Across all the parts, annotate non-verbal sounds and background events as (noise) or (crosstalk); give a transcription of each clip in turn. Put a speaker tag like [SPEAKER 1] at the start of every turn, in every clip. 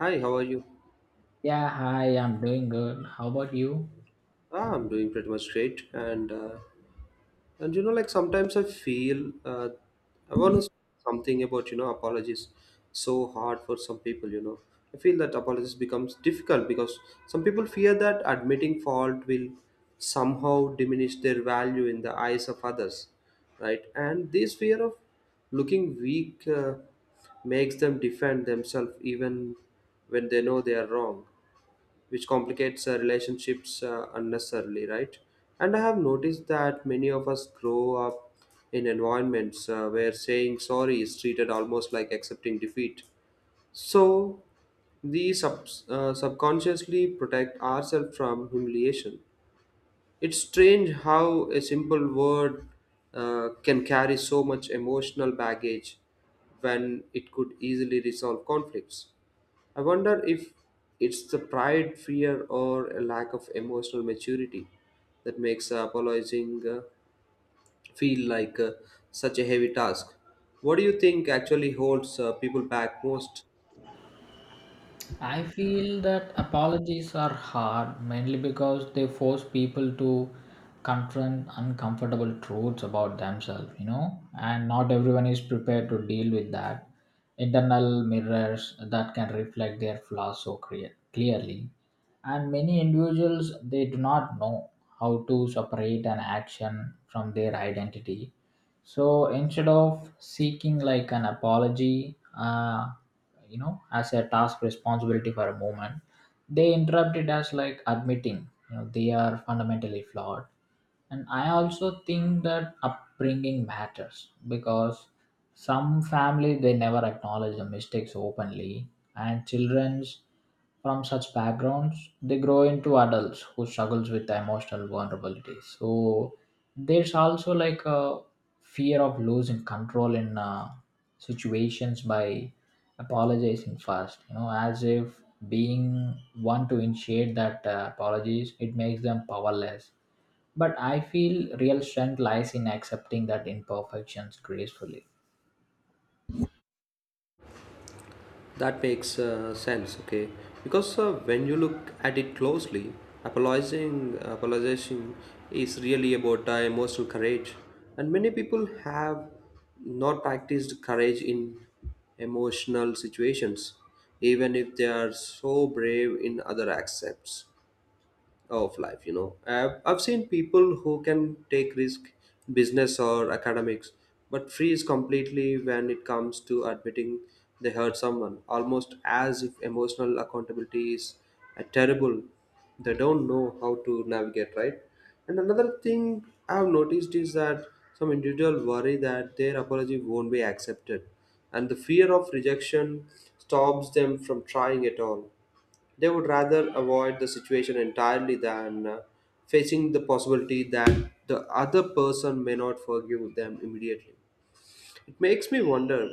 [SPEAKER 1] Hi, how are you?
[SPEAKER 2] Yeah, hi, I'm doing good. How about you?
[SPEAKER 1] Ah, I'm doing pretty much great, and sometimes I feel I want to say something about apologies so hard for some people. You know, I feel that apologies becomes difficult because some people fear that admitting fault will somehow diminish their value in the eyes of others, right? And this fear of looking weak makes them defend themselves even when they know they are wrong, which complicates relationships unnecessarily, right? And I have noticed that many of us grow up in environments where saying sorry is treated almost like accepting defeat. So, we subconsciously protect ourselves from humiliation. It's strange how a simple word can carry so much emotional baggage when it could easily resolve conflicts. I wonder if it's the pride, fear, or a lack of emotional maturity that makes apologizing feel like such a heavy task. What do you think actually holds people back most?
[SPEAKER 2] I feel that apologies are hard mainly because they force people to confront uncomfortable truths about themselves, you know, and not everyone is prepared to deal with that. Internal mirrors that can reflect their flaws so clearly. And many individuals, they do not know how to separate an action from their identity, so instead of seeking like an apology as a task responsibility for a moment, they interrupt it as like admitting they are fundamentally flawed. And I also think that upbringing matters because some family, they never acknowledge the mistakes openly, and childrens from such backgrounds, they grow into adults who struggles with emotional vulnerability. So there's also like a fear of losing control in situations by apologizing first. You know, as if being one to initiate that apologies, it makes them powerless, but I feel real strength lies in accepting that imperfections gracefully.
[SPEAKER 1] That makes sense, okay? Because when you look at it closely, apologizing is really about emotional courage, and many people have not practiced courage in emotional situations, even if they are so brave in other aspects of life. I've seen people who can take risk in business or academics but freeze completely when it comes to admitting they hurt someone, almost as if emotional accountability is a terrible they don't know how to navigate, right? And another thing I've noticed is that some individual worry that their apology won't be accepted and the fear of rejection stops them from trying at all. They would rather avoid the situation entirely than facing the possibility that the other person may not forgive them immediately. It makes me wonder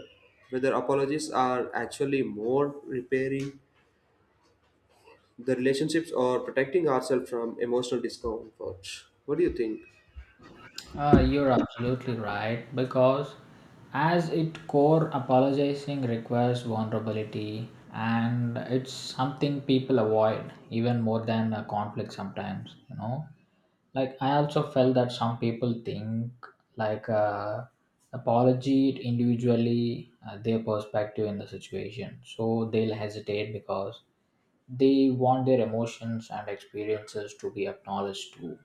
[SPEAKER 1] whether apologies are actually more repairing the relationships or protecting ourselves from emotional discomfort. What do you think?
[SPEAKER 2] You're absolutely right because, as it core, apologizing requires vulnerability, and it's something people avoid even more than a conflict sometimes. You know, like I also felt that some people think like apology individually their perspective in the situation, so they'll hesitate because they want their emotions and experiences to be acknowledged too.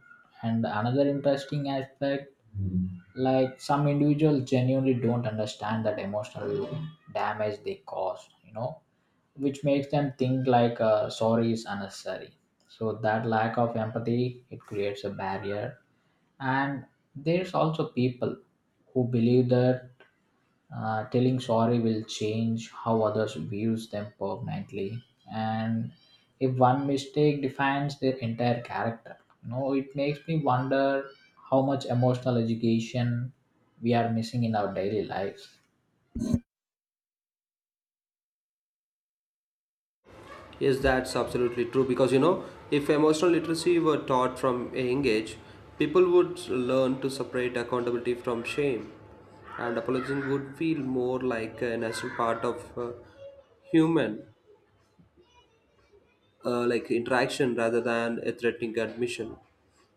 [SPEAKER 2] And another interesting aspect, like some individuals genuinely don't understand that emotional damage they cause, which makes them think like sorry is unnecessary. So that lack of empathy, it creates a barrier. And there's also people who believe that telling sorry will change how others views them permanently, and if one mistake defines their entire character, it makes me wonder how much emotional education we are missing in our daily lives.
[SPEAKER 1] Yes, that's absolutely true because you know, if emotional literacy were taught from a young age, people would learn to separate accountability from shame, and apologizing would feel more like a natural part of human like interaction rather than a threatening admission.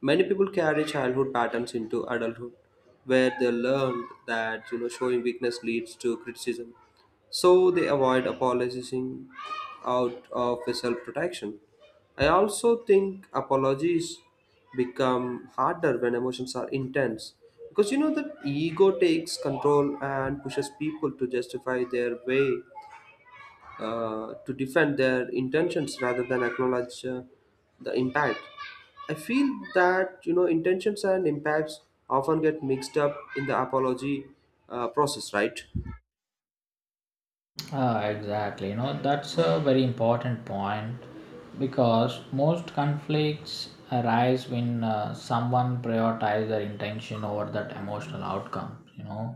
[SPEAKER 1] Many people carry childhood patterns into adulthood, where they learned that you know showing weakness leads to criticism, so they avoid apologizing out of a self-protection. I also think apologies become harder when emotions are intense because you know that ego takes control and pushes people to justify their way to defend their intentions rather than acknowledge the impact. I feel that you know intentions and impacts often get mixed up in the apology process, right?
[SPEAKER 2] Ah, exactly. You know, that's a very important point because most conflicts arise when someone prioritizes their intention over that emotional outcome.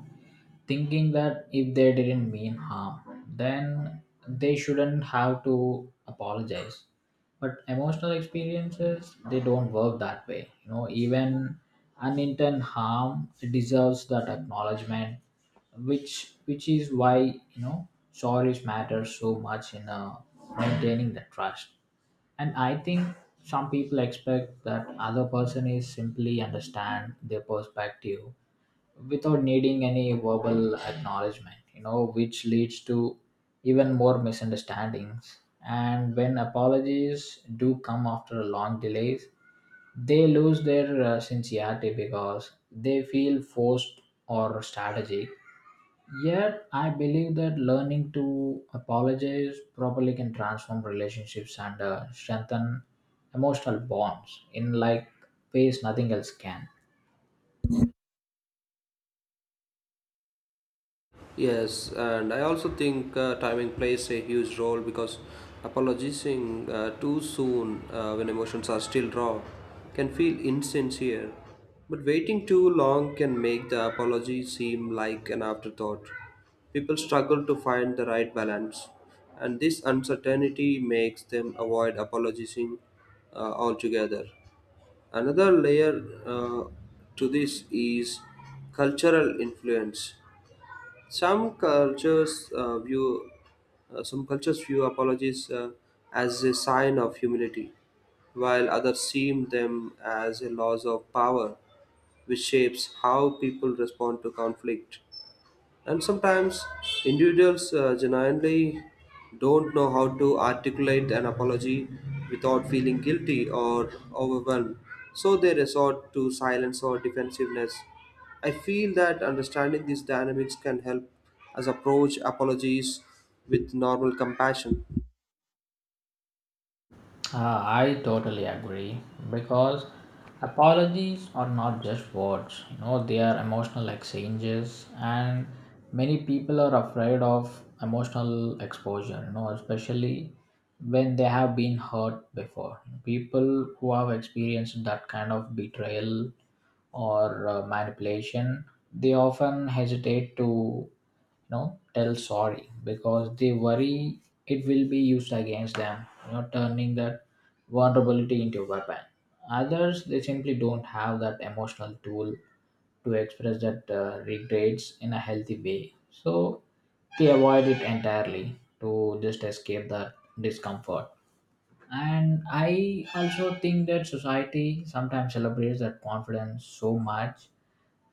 [SPEAKER 2] Thinking that if they didn't mean harm, then they shouldn't have to apologize. But emotional experiences, they don't work that way. You know, even unintended harm deserves that acknowledgement, which is why sorries matter so much in maintaining the trust. And I think some people expect that other person is simply understand their perspective without needing any verbal acknowledgement, which leads to even more misunderstandings. And when apologies do come after long delays, they lose their sincerity because they feel forced or strategic. Yet, I believe that learning to apologize properly can transform relationships and strengthen emotional bonds in like ways nothing else can.
[SPEAKER 1] Yes, and I also think timing plays a huge role because apologizing too soon when emotions are still raw can feel insincere. But waiting too long can make the apology seem like an afterthought. People struggle to find the right balance, and this uncertainty makes them avoid apologizing altogether. Another layer to this is cultural influence. Some cultures uh, view some cultures view apologies as a sign of humility, while others see them as a loss of power, which shapes how people respond to conflict. And sometimes individuals genuinely don't know how to articulate an apology without feeling guilty or overwhelmed, so they resort to silence or defensiveness. I feel that understanding these dynamics can help us approach apologies with normal compassion.
[SPEAKER 2] Ah, I totally agree because apologies are not just words, they are emotional exchanges, and many people are afraid of emotional exposure, especially when they have been hurt before. People who have experienced that kind of betrayal or manipulation, they often hesitate to tell sorry because they worry it will be used against them, turning that vulnerability into a weapon. Others, they simply don't have that emotional tool to express that regrets in a healthy way, so they avoid it entirely to just escape that discomfort. And I also think that society sometimes celebrates that confidence so much,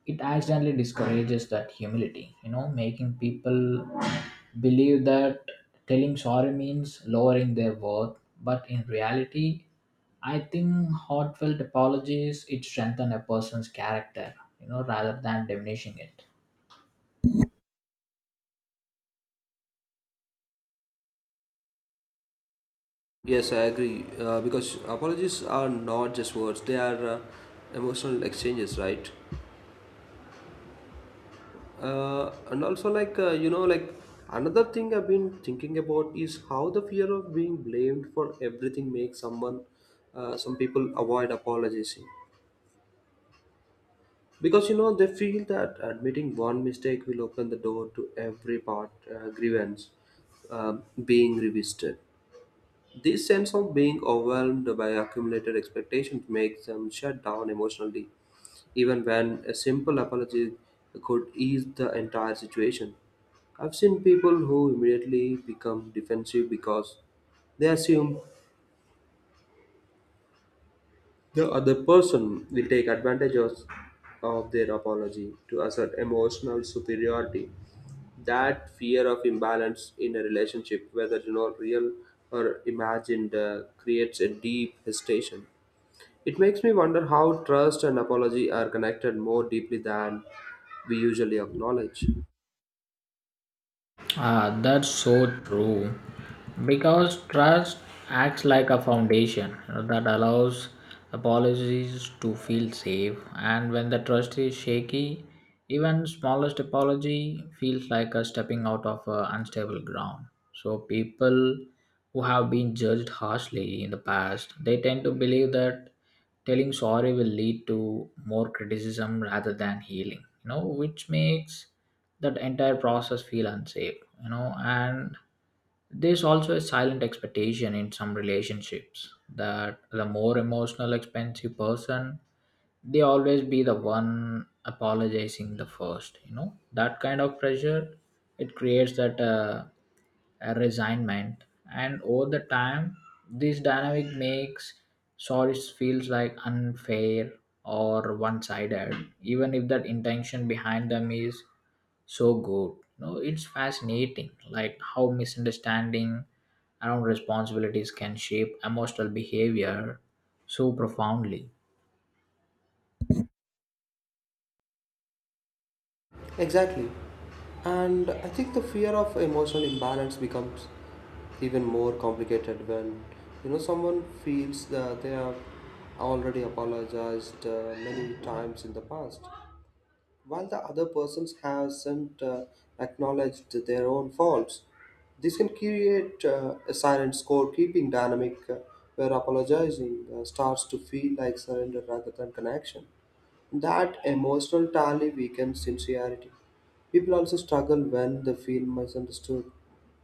[SPEAKER 2] it accidentally discourages that humility, making people believe that telling sorry means lowering their worth. But in reality, I think heartfelt apologies, it strengthen a person's character, rather than diminishing it.
[SPEAKER 1] Yes, I agree. Because apologies are not just words, they are emotional exchanges, right? And also like you know like Another thing I've been thinking about is how the fear of being blamed for everything makes some people avoid apologizing because you know they feel that admitting one mistake will open the door to every part grievance being revisited. This sense of being overwhelmed by accumulated expectations makes them shut down emotionally even when a simple apology could ease the entire situation. I've seen people who immediately become defensive because they assume the other person will take advantage of their apology to assert emotional superiority. That fear of imbalance in a relationship, whether you know real or imagined, creates a deep hesitation. It makes me wonder how trust and apology are connected more deeply than we usually acknowledge.
[SPEAKER 2] Ah, that's so true. Because trust acts like a foundation, that allows apologies to feel safe, and when the trust is shaky, even smallest apology feels like a stepping out of a unstable ground. So people who have been judged harshly in the past, they tend to believe that telling sorry will lead to more criticism rather than healing, which makes that entire process feel unsafe. And there's also a silent expectation in some relationships that the more emotional expensive person, they always be the one apologizing the first. That kind of pressure, it creates that a resignment. And over the time, this dynamic makes sorry feels like unfair or one-sided, even if that intention behind them is so good. No, it's fascinating like how misunderstanding around responsibilities can shape emotional behavior so profoundly.
[SPEAKER 1] Exactly. And I think the fear of emotional imbalance becomes even more complicated when you know someone feels that they have already apologized many times in the past, while the other persons hasn't acknowledged their own faults. This can create a silent scorekeeping dynamic where apologizing starts to feel like surrender rather than connection. That emotional tally weakens sincerity. People also struggle when they feel misunderstood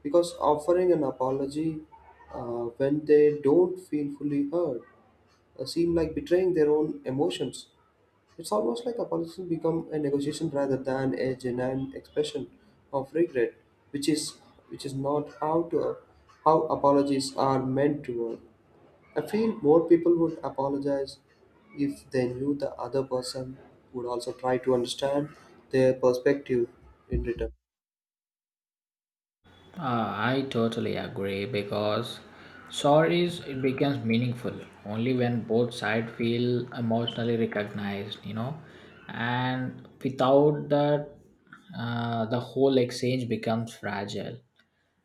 [SPEAKER 1] because offering an apology when they don't feel fully heard seem like betraying their own emotions. It's almost like apologizing become a negotiation rather than a genuine expression of regret, which is which is not how apologies are meant to work. I feel more people would apologize if they knew the other person would also try to understand their perspective in return.
[SPEAKER 2] I totally agree because stories it becomes meaningful only when both sides feel emotionally recognized, you know, and without that, the whole exchange becomes fragile.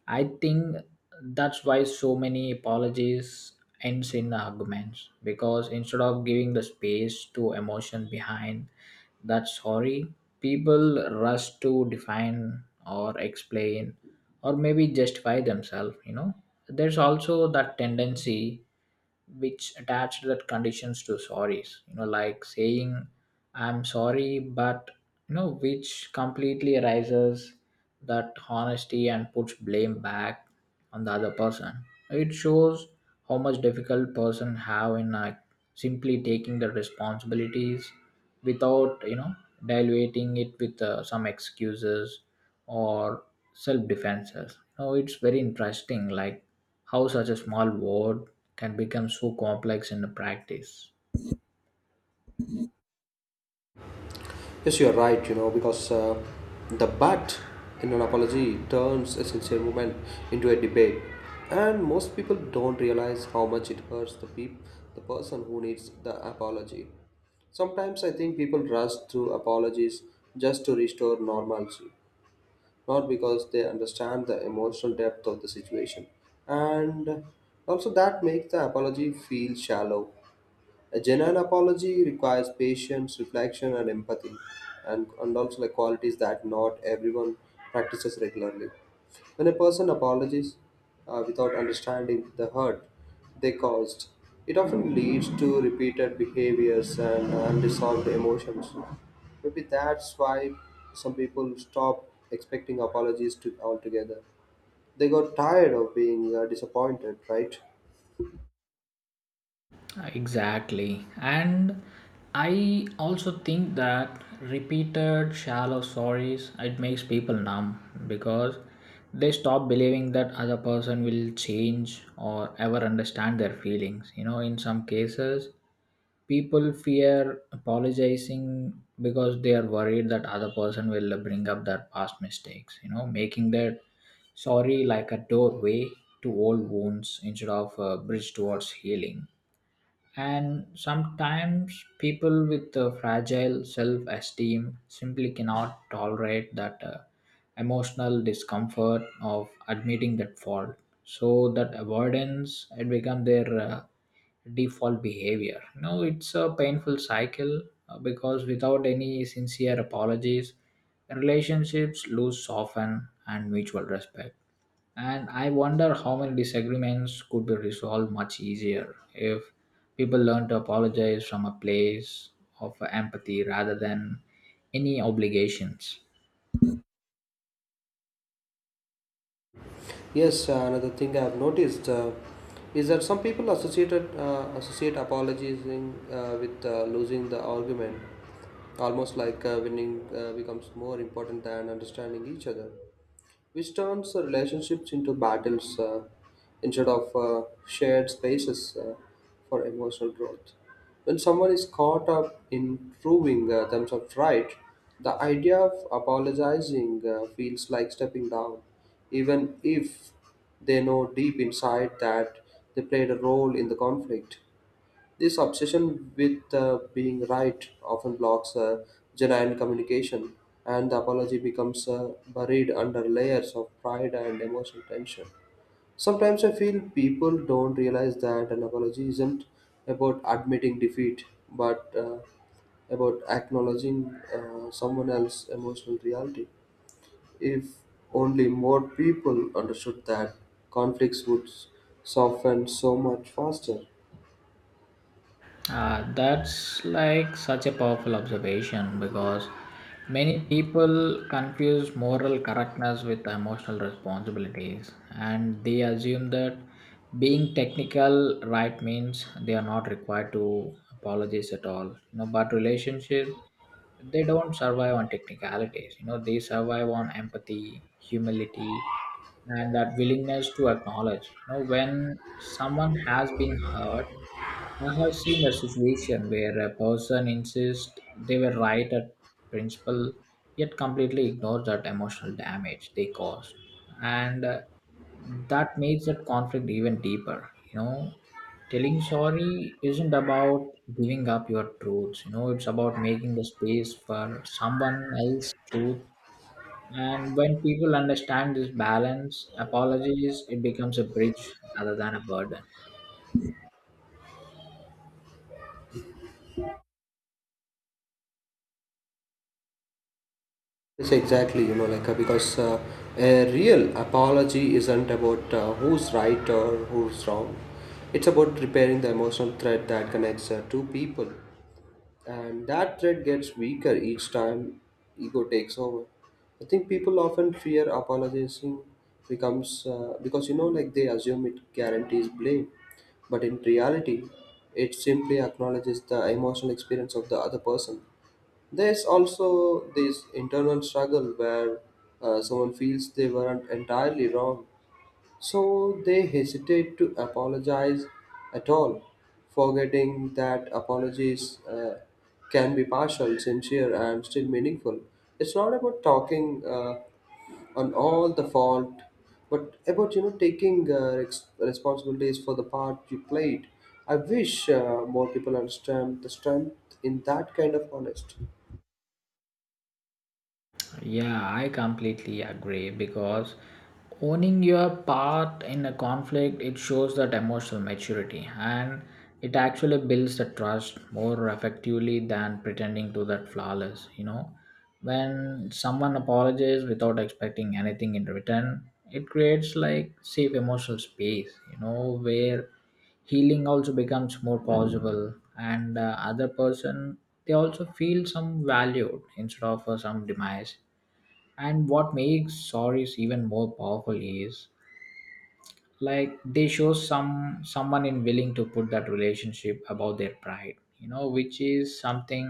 [SPEAKER 2] I think that's why so many apologies ends in arguments, because instead of giving the space to emotion behind that sorry, people rush to define or explain or maybe justify themselves, you know. There's also that tendency which attached that conditions to sorries, like saying I'm sorry but, which completely erases that honesty and puts blame back on the other person. It shows how much difficult person have in simply taking the responsibilities without diluting it with some excuses or self defenses. Now it's very interesting, like how such a small word can become so complex in the practice.
[SPEAKER 1] Yes, you're right, you know, because the but in an apology turns a sincere moment into a debate. And most people don't realize how much it hurts the person who needs the apology. Sometimes I think people rush through apologies just to restore normalcy, not because they understand the emotional depth of the situation. And also, that makes the apology feel shallow. A genuine apology requires patience, reflection, and empathy, and also like qualities that not everyone practices regularly. When a person apologizes without understanding the hurt they caused, it often leads to repeated behaviors and unresolved emotions. Maybe that's why some people stop expecting apologies to altogether. They got tired of being disappointed, right?
[SPEAKER 2] Exactly. And I also think that repeated shallow stories it makes people numb because they stop believing that other person will change or ever understand their feelings. You know, in some cases people fear apologizing because they are worried that other person will bring up their past mistakes, making their sorry like a doorway to old wounds instead of a bridge towards healing. And sometimes people with a fragile self esteem simply cannot tolerate that emotional discomfort of admitting that fault. So that avoidance it become their default behavior. You know, it's a painful cycle because without any sincere apologies, relationships lose often and mutual respect. And I wonder how many disagreements could be resolved much easier if people learn to apologize from a place of empathy rather than any obligations.
[SPEAKER 1] Yes, another thing I've noticed is that some people associated associate apologizing with losing the argument, almost like winning becomes more important than understanding each other, which turns relationships into battles instead of shared spaces for emotional growth. When someone is caught up in proving themselves right, the idea of apologizing feels like stepping down, even if they know deep inside that they played a role in the conflict. This obsession with being right often blocks genuine communication, and the apology becomes buried under layers of pride and emotional tension. Sometimes I feel people don't realize that an apology isn't about admitting defeat, but about acknowledging someone else's emotional reality. If only more people understood that, conflicts would soften so much faster.
[SPEAKER 2] That's like such a powerful observation because many people confuse moral correctness with emotional responsibilities, and they assume that being technical right means they are not required to apologize at all. But relationship, they don't survive on technicalities. They survive on empathy, humility, and that willingness to acknowledge when someone has been hurt. I have seen a situation where a person insists they were right at principle, yet completely ignores that emotional damage they caused, and that makes that conflict even deeper. You know, telling sorry isn't about giving up your truths. You know, it's about making the space for someone else's truth. And when people understand this balance, apologies it becomes a bridge rather than a burden.
[SPEAKER 1] Yes, exactly. You know, like because a real apology isn't about who's right or who's wrong. It's about repairing the emotional thread that connects two people, and that thread gets weaker each time ego takes over. I think people often fear apologizing becomes because you know like they assume it guarantees blame, but in reality, it simply acknowledges the emotional experience of the other person. There's also this internal struggle where someone feels they weren't entirely wrong so they hesitate to apologize at all, forgetting that apologies can be partial, sincere, and still meaningful. It's not about talking on all the fault, but about you know taking responsibilities for the part you played. I wish more people understand the strength in that kind of honest.
[SPEAKER 2] Yeah, I completely agree because owning your part in a conflict it shows that emotional maturity, and it actually builds the trust more effectively than pretending to that flawless, you know. When someone apologizes without expecting anything in return, it creates like safe emotional space, where healing also becomes more possible and other person, they also feel some valued instead of some demise. And what makes stories even more powerful is like they show someone in willing to put that relationship above their pride, which is something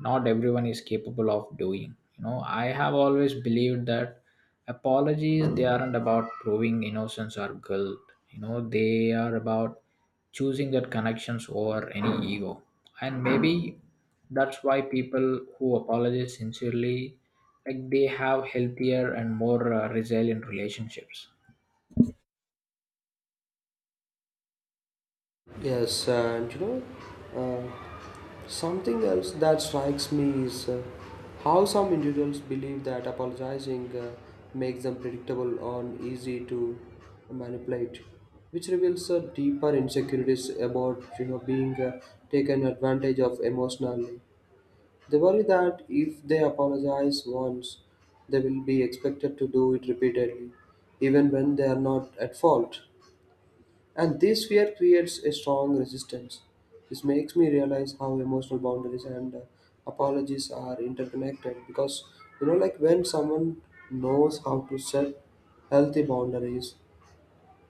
[SPEAKER 2] not everyone is capable of doing. I have always believed that apologies they aren't about proving innocence or guilt. They are about choosing that connections over any ego. And maybe that's why people who apologize sincerely, like they have healthier and more resilient relationships.
[SPEAKER 1] Yes, and you know, uh, something else that strikes me is how some individuals believe that apologizing makes them predictable or easy to manipulate, which reveals deeper insecurities about you know being taken advantage of emotionally. They worry that if they apologize once, they will be expected to do it repeatedly, even when they are not at fault. And this fear creates a strong resistance. This makes me realize how emotional boundaries and apologies are interconnected because you know, like when someone knows how to set healthy boundaries,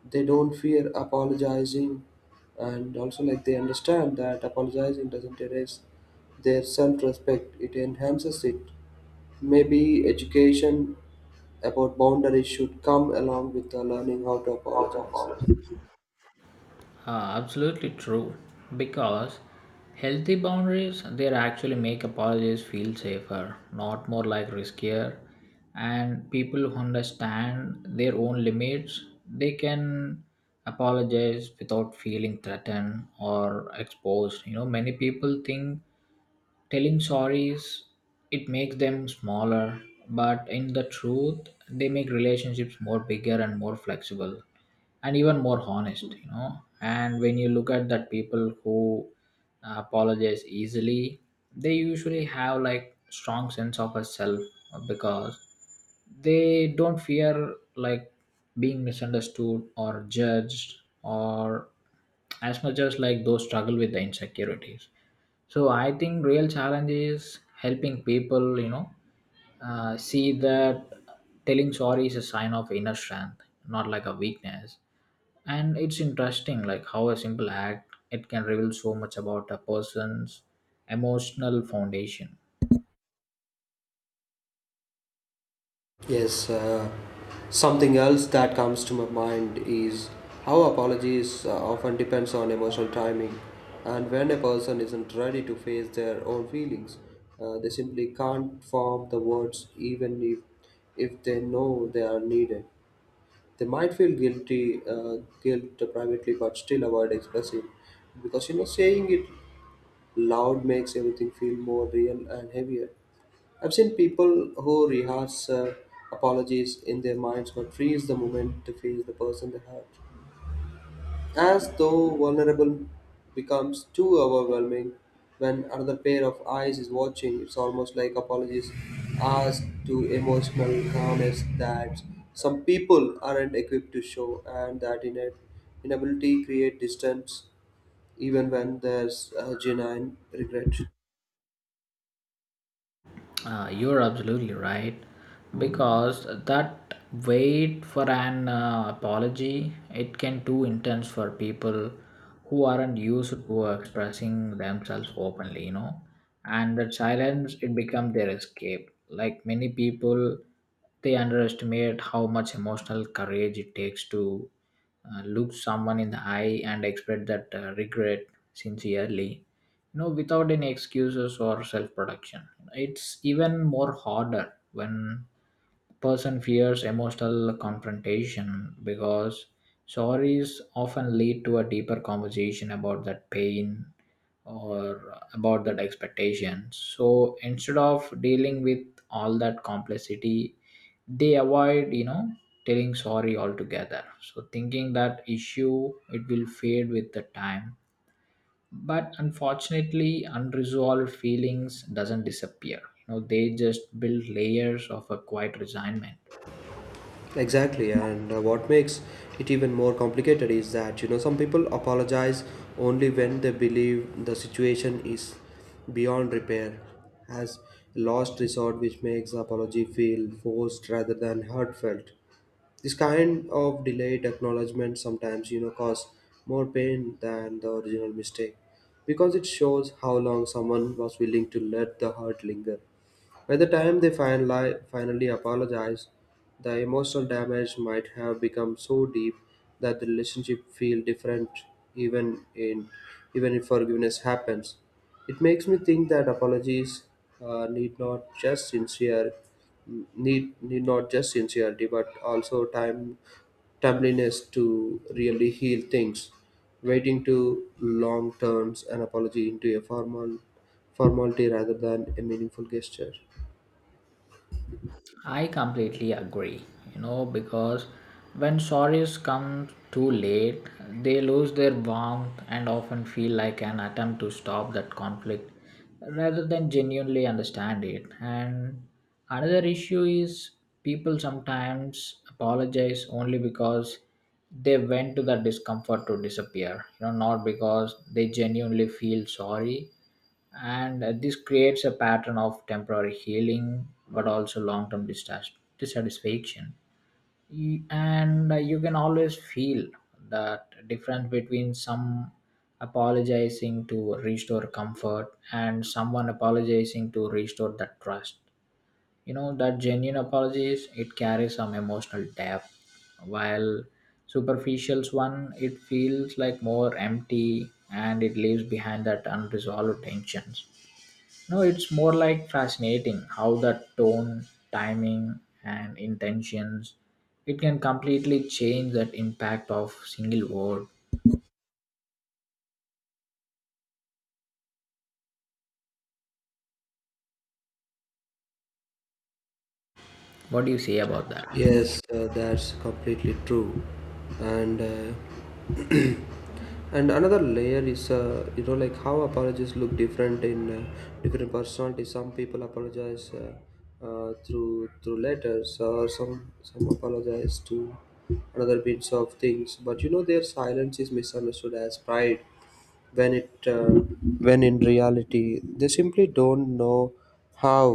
[SPEAKER 1] they don't fear apologizing, and also like they understand that apologizing doesn't erase their self-respect; it enhances it. Maybe education about boundaries should come along with learning how to apologize.
[SPEAKER 2] Absolutely true. Because healthy boundaries they actually make apologies feel safer, not more like riskier. And people who understand their own limits, they can apologize without feeling threatened or exposed. You know, many people think telling stories it makes them smaller, but in the truth they make relationships more bigger and more flexible and even more honest. And when you look at that, people who apologize easily, they usually have like strong sense of a self, because they don't fear like being misunderstood or judged, or as much as like those struggle with the insecurities. So I think real challenge is helping people, see that telling sorry is a sign of inner strength, not like a weakness. And it's interesting like how a simple act it can reveal so much about a person's emotional foundation.
[SPEAKER 1] Yes, something else that comes to my mind is how apologies often depends on emotional timing, and when a person isn't ready to face their own feelings, they simply can't form the words, even if they know they are needed. They might feel guilty, guilt privately, but still avoid expressing, because you know saying it loud makes everything feel more real and heavier. I've seen people who rehearse apologies in their minds but freeze the moment to face the person they hurt. As though vulnerable becomes too overwhelming when another pair of eyes is watching, it's almost like apologies ask to emotional harness that some people aren't equipped to show, and that inability create distance even when there's a genuine regret.
[SPEAKER 2] You're absolutely right because that wait for an apology it can too intense for people who aren't used to expressing themselves openly, and that silence it becomes their escape. Like many people, they underestimate how much emotional courage it takes to look someone in the eye and express that regret sincerely, without any excuses or self production. It's even more harder when person fears emotional confrontation, because stories often lead to a deeper conversation about that pain or about that expectation. So instead of dealing with all that complexity, they avoid, telling sorry altogether, so thinking that issue it will fade with the time. But unfortunately unresolved feelings doesn't disappear. They just build layers of a quiet resignment.
[SPEAKER 1] Exactly, and what makes it even more complicated is that you know some people apologize only when they believe the situation is beyond repair, as last resort, which makes apology feel forced rather than heartfelt. This kind of delayed acknowledgement sometimes you know cause more pain than the original mistake because it shows how long someone was willing to let the hurt linger. By the time they finally apologized, the emotional damage might have become so deep that the relationship feel different even in even if forgiveness happens. It makes me think that apologies need not just sincere, need not just sincerity but also timeliness to really heal things. Waiting to long turns an apology into a formality rather than a meaningful gesture.
[SPEAKER 2] I completely agree, you know, because when sorries come too late, they lose their warmth and often feel like an attempt to stop that conflict rather than genuinely understand it. And another issue is people sometimes apologize only because they went to the discomfort to disappear, not because they genuinely feel sorry. And this creates a pattern of temporary healing but also long-term dissatisfaction. And you can always feel that difference between some apologizing to restore comfort and someone apologizing to restore that trust. That genuine apologies it carries some emotional depth, while superficials one it feels like more empty and it leaves behind that unresolved tensions. No, it's more like fascinating how the tone, timing, and intentions it can completely change that impact of single word. What do you say about that?
[SPEAKER 1] Yes, that's completely true. And (clears throat) and another layer is you know like how apologies look different in different personalities. Some people apologize through letters, or some apologize to another bits of things. But you know their silence is misunderstood as pride when it when in reality they simply don't know how.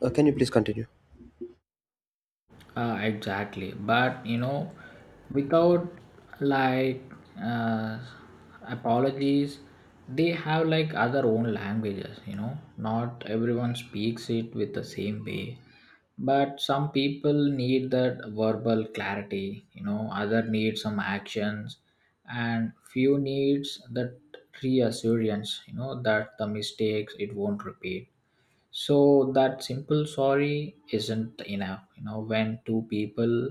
[SPEAKER 1] Can you please continue?
[SPEAKER 2] Exactly, but you know, without like uh, apologies, they have like other own languages. You know, not everyone speaks it with the same way, but some people need that verbal clarity. You know, other need some actions, and few needs that reassurance. You know, that the mistakes it won't repeat, so that simple sorry isn't enough. When two people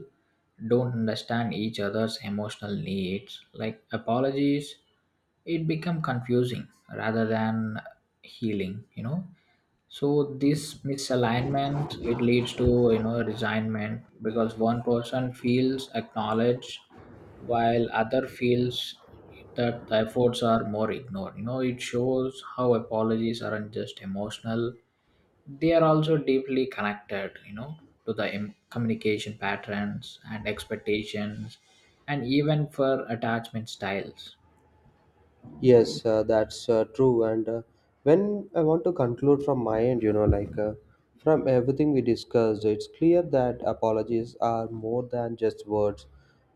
[SPEAKER 2] don't understand each other's emotional needs, like apologies it become confusing rather than healing. So this misalignment it leads to, resignment, because one person feels acknowledged while other feels that the efforts are more ignored. It shows how apologies aren't just emotional, they are also deeply connected, to the communication patterns and expectations, and even for attachment styles.
[SPEAKER 1] Yes, that's true. And when I want to conclude from my end, you know, like from everything we discussed, it's clear that apologies are more than just words.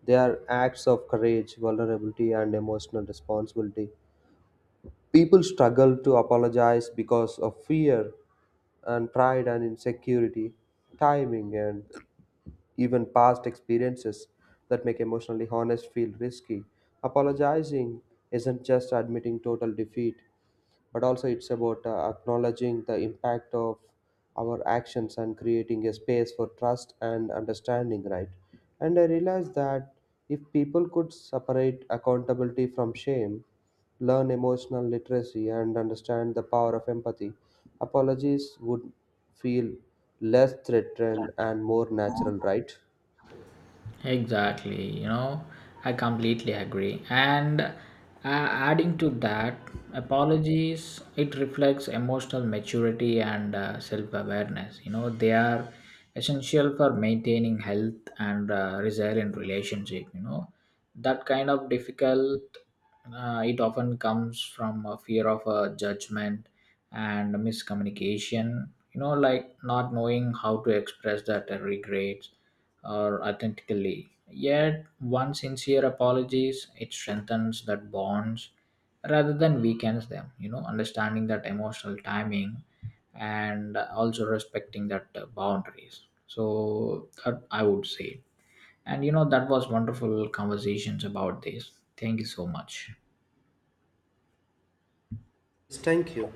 [SPEAKER 1] They are acts of courage, vulnerability, and emotional responsibility. People struggle to apologize because of fear and pride and insecurity, timing, and even past experiences that make emotionally honest feel risky. Apologizing isn't just admitting total defeat, but also it's about acknowledging the impact of our actions and creating a space for trust and understanding, right? And I realized that if people could separate accountability from shame, learn emotional literacy and understand the power of empathy, apologies would feel less threatened and more natural, right?
[SPEAKER 2] Exactly, you know, I completely agree. And adding to that, apologies it reflects emotional maturity and self-awareness. They are essential for maintaining health and resilient relationship. That kind of difficult, it often comes from a fear of a judgment and miscommunication, like not knowing how to express that regrets or authentically. Yet one sincere apologies it strengthens that bonds rather than weakens them, understanding that emotional timing and also respecting that boundaries. So that I would say, and you know, that was wonderful conversations about this. Thank you so much.
[SPEAKER 1] Thank you.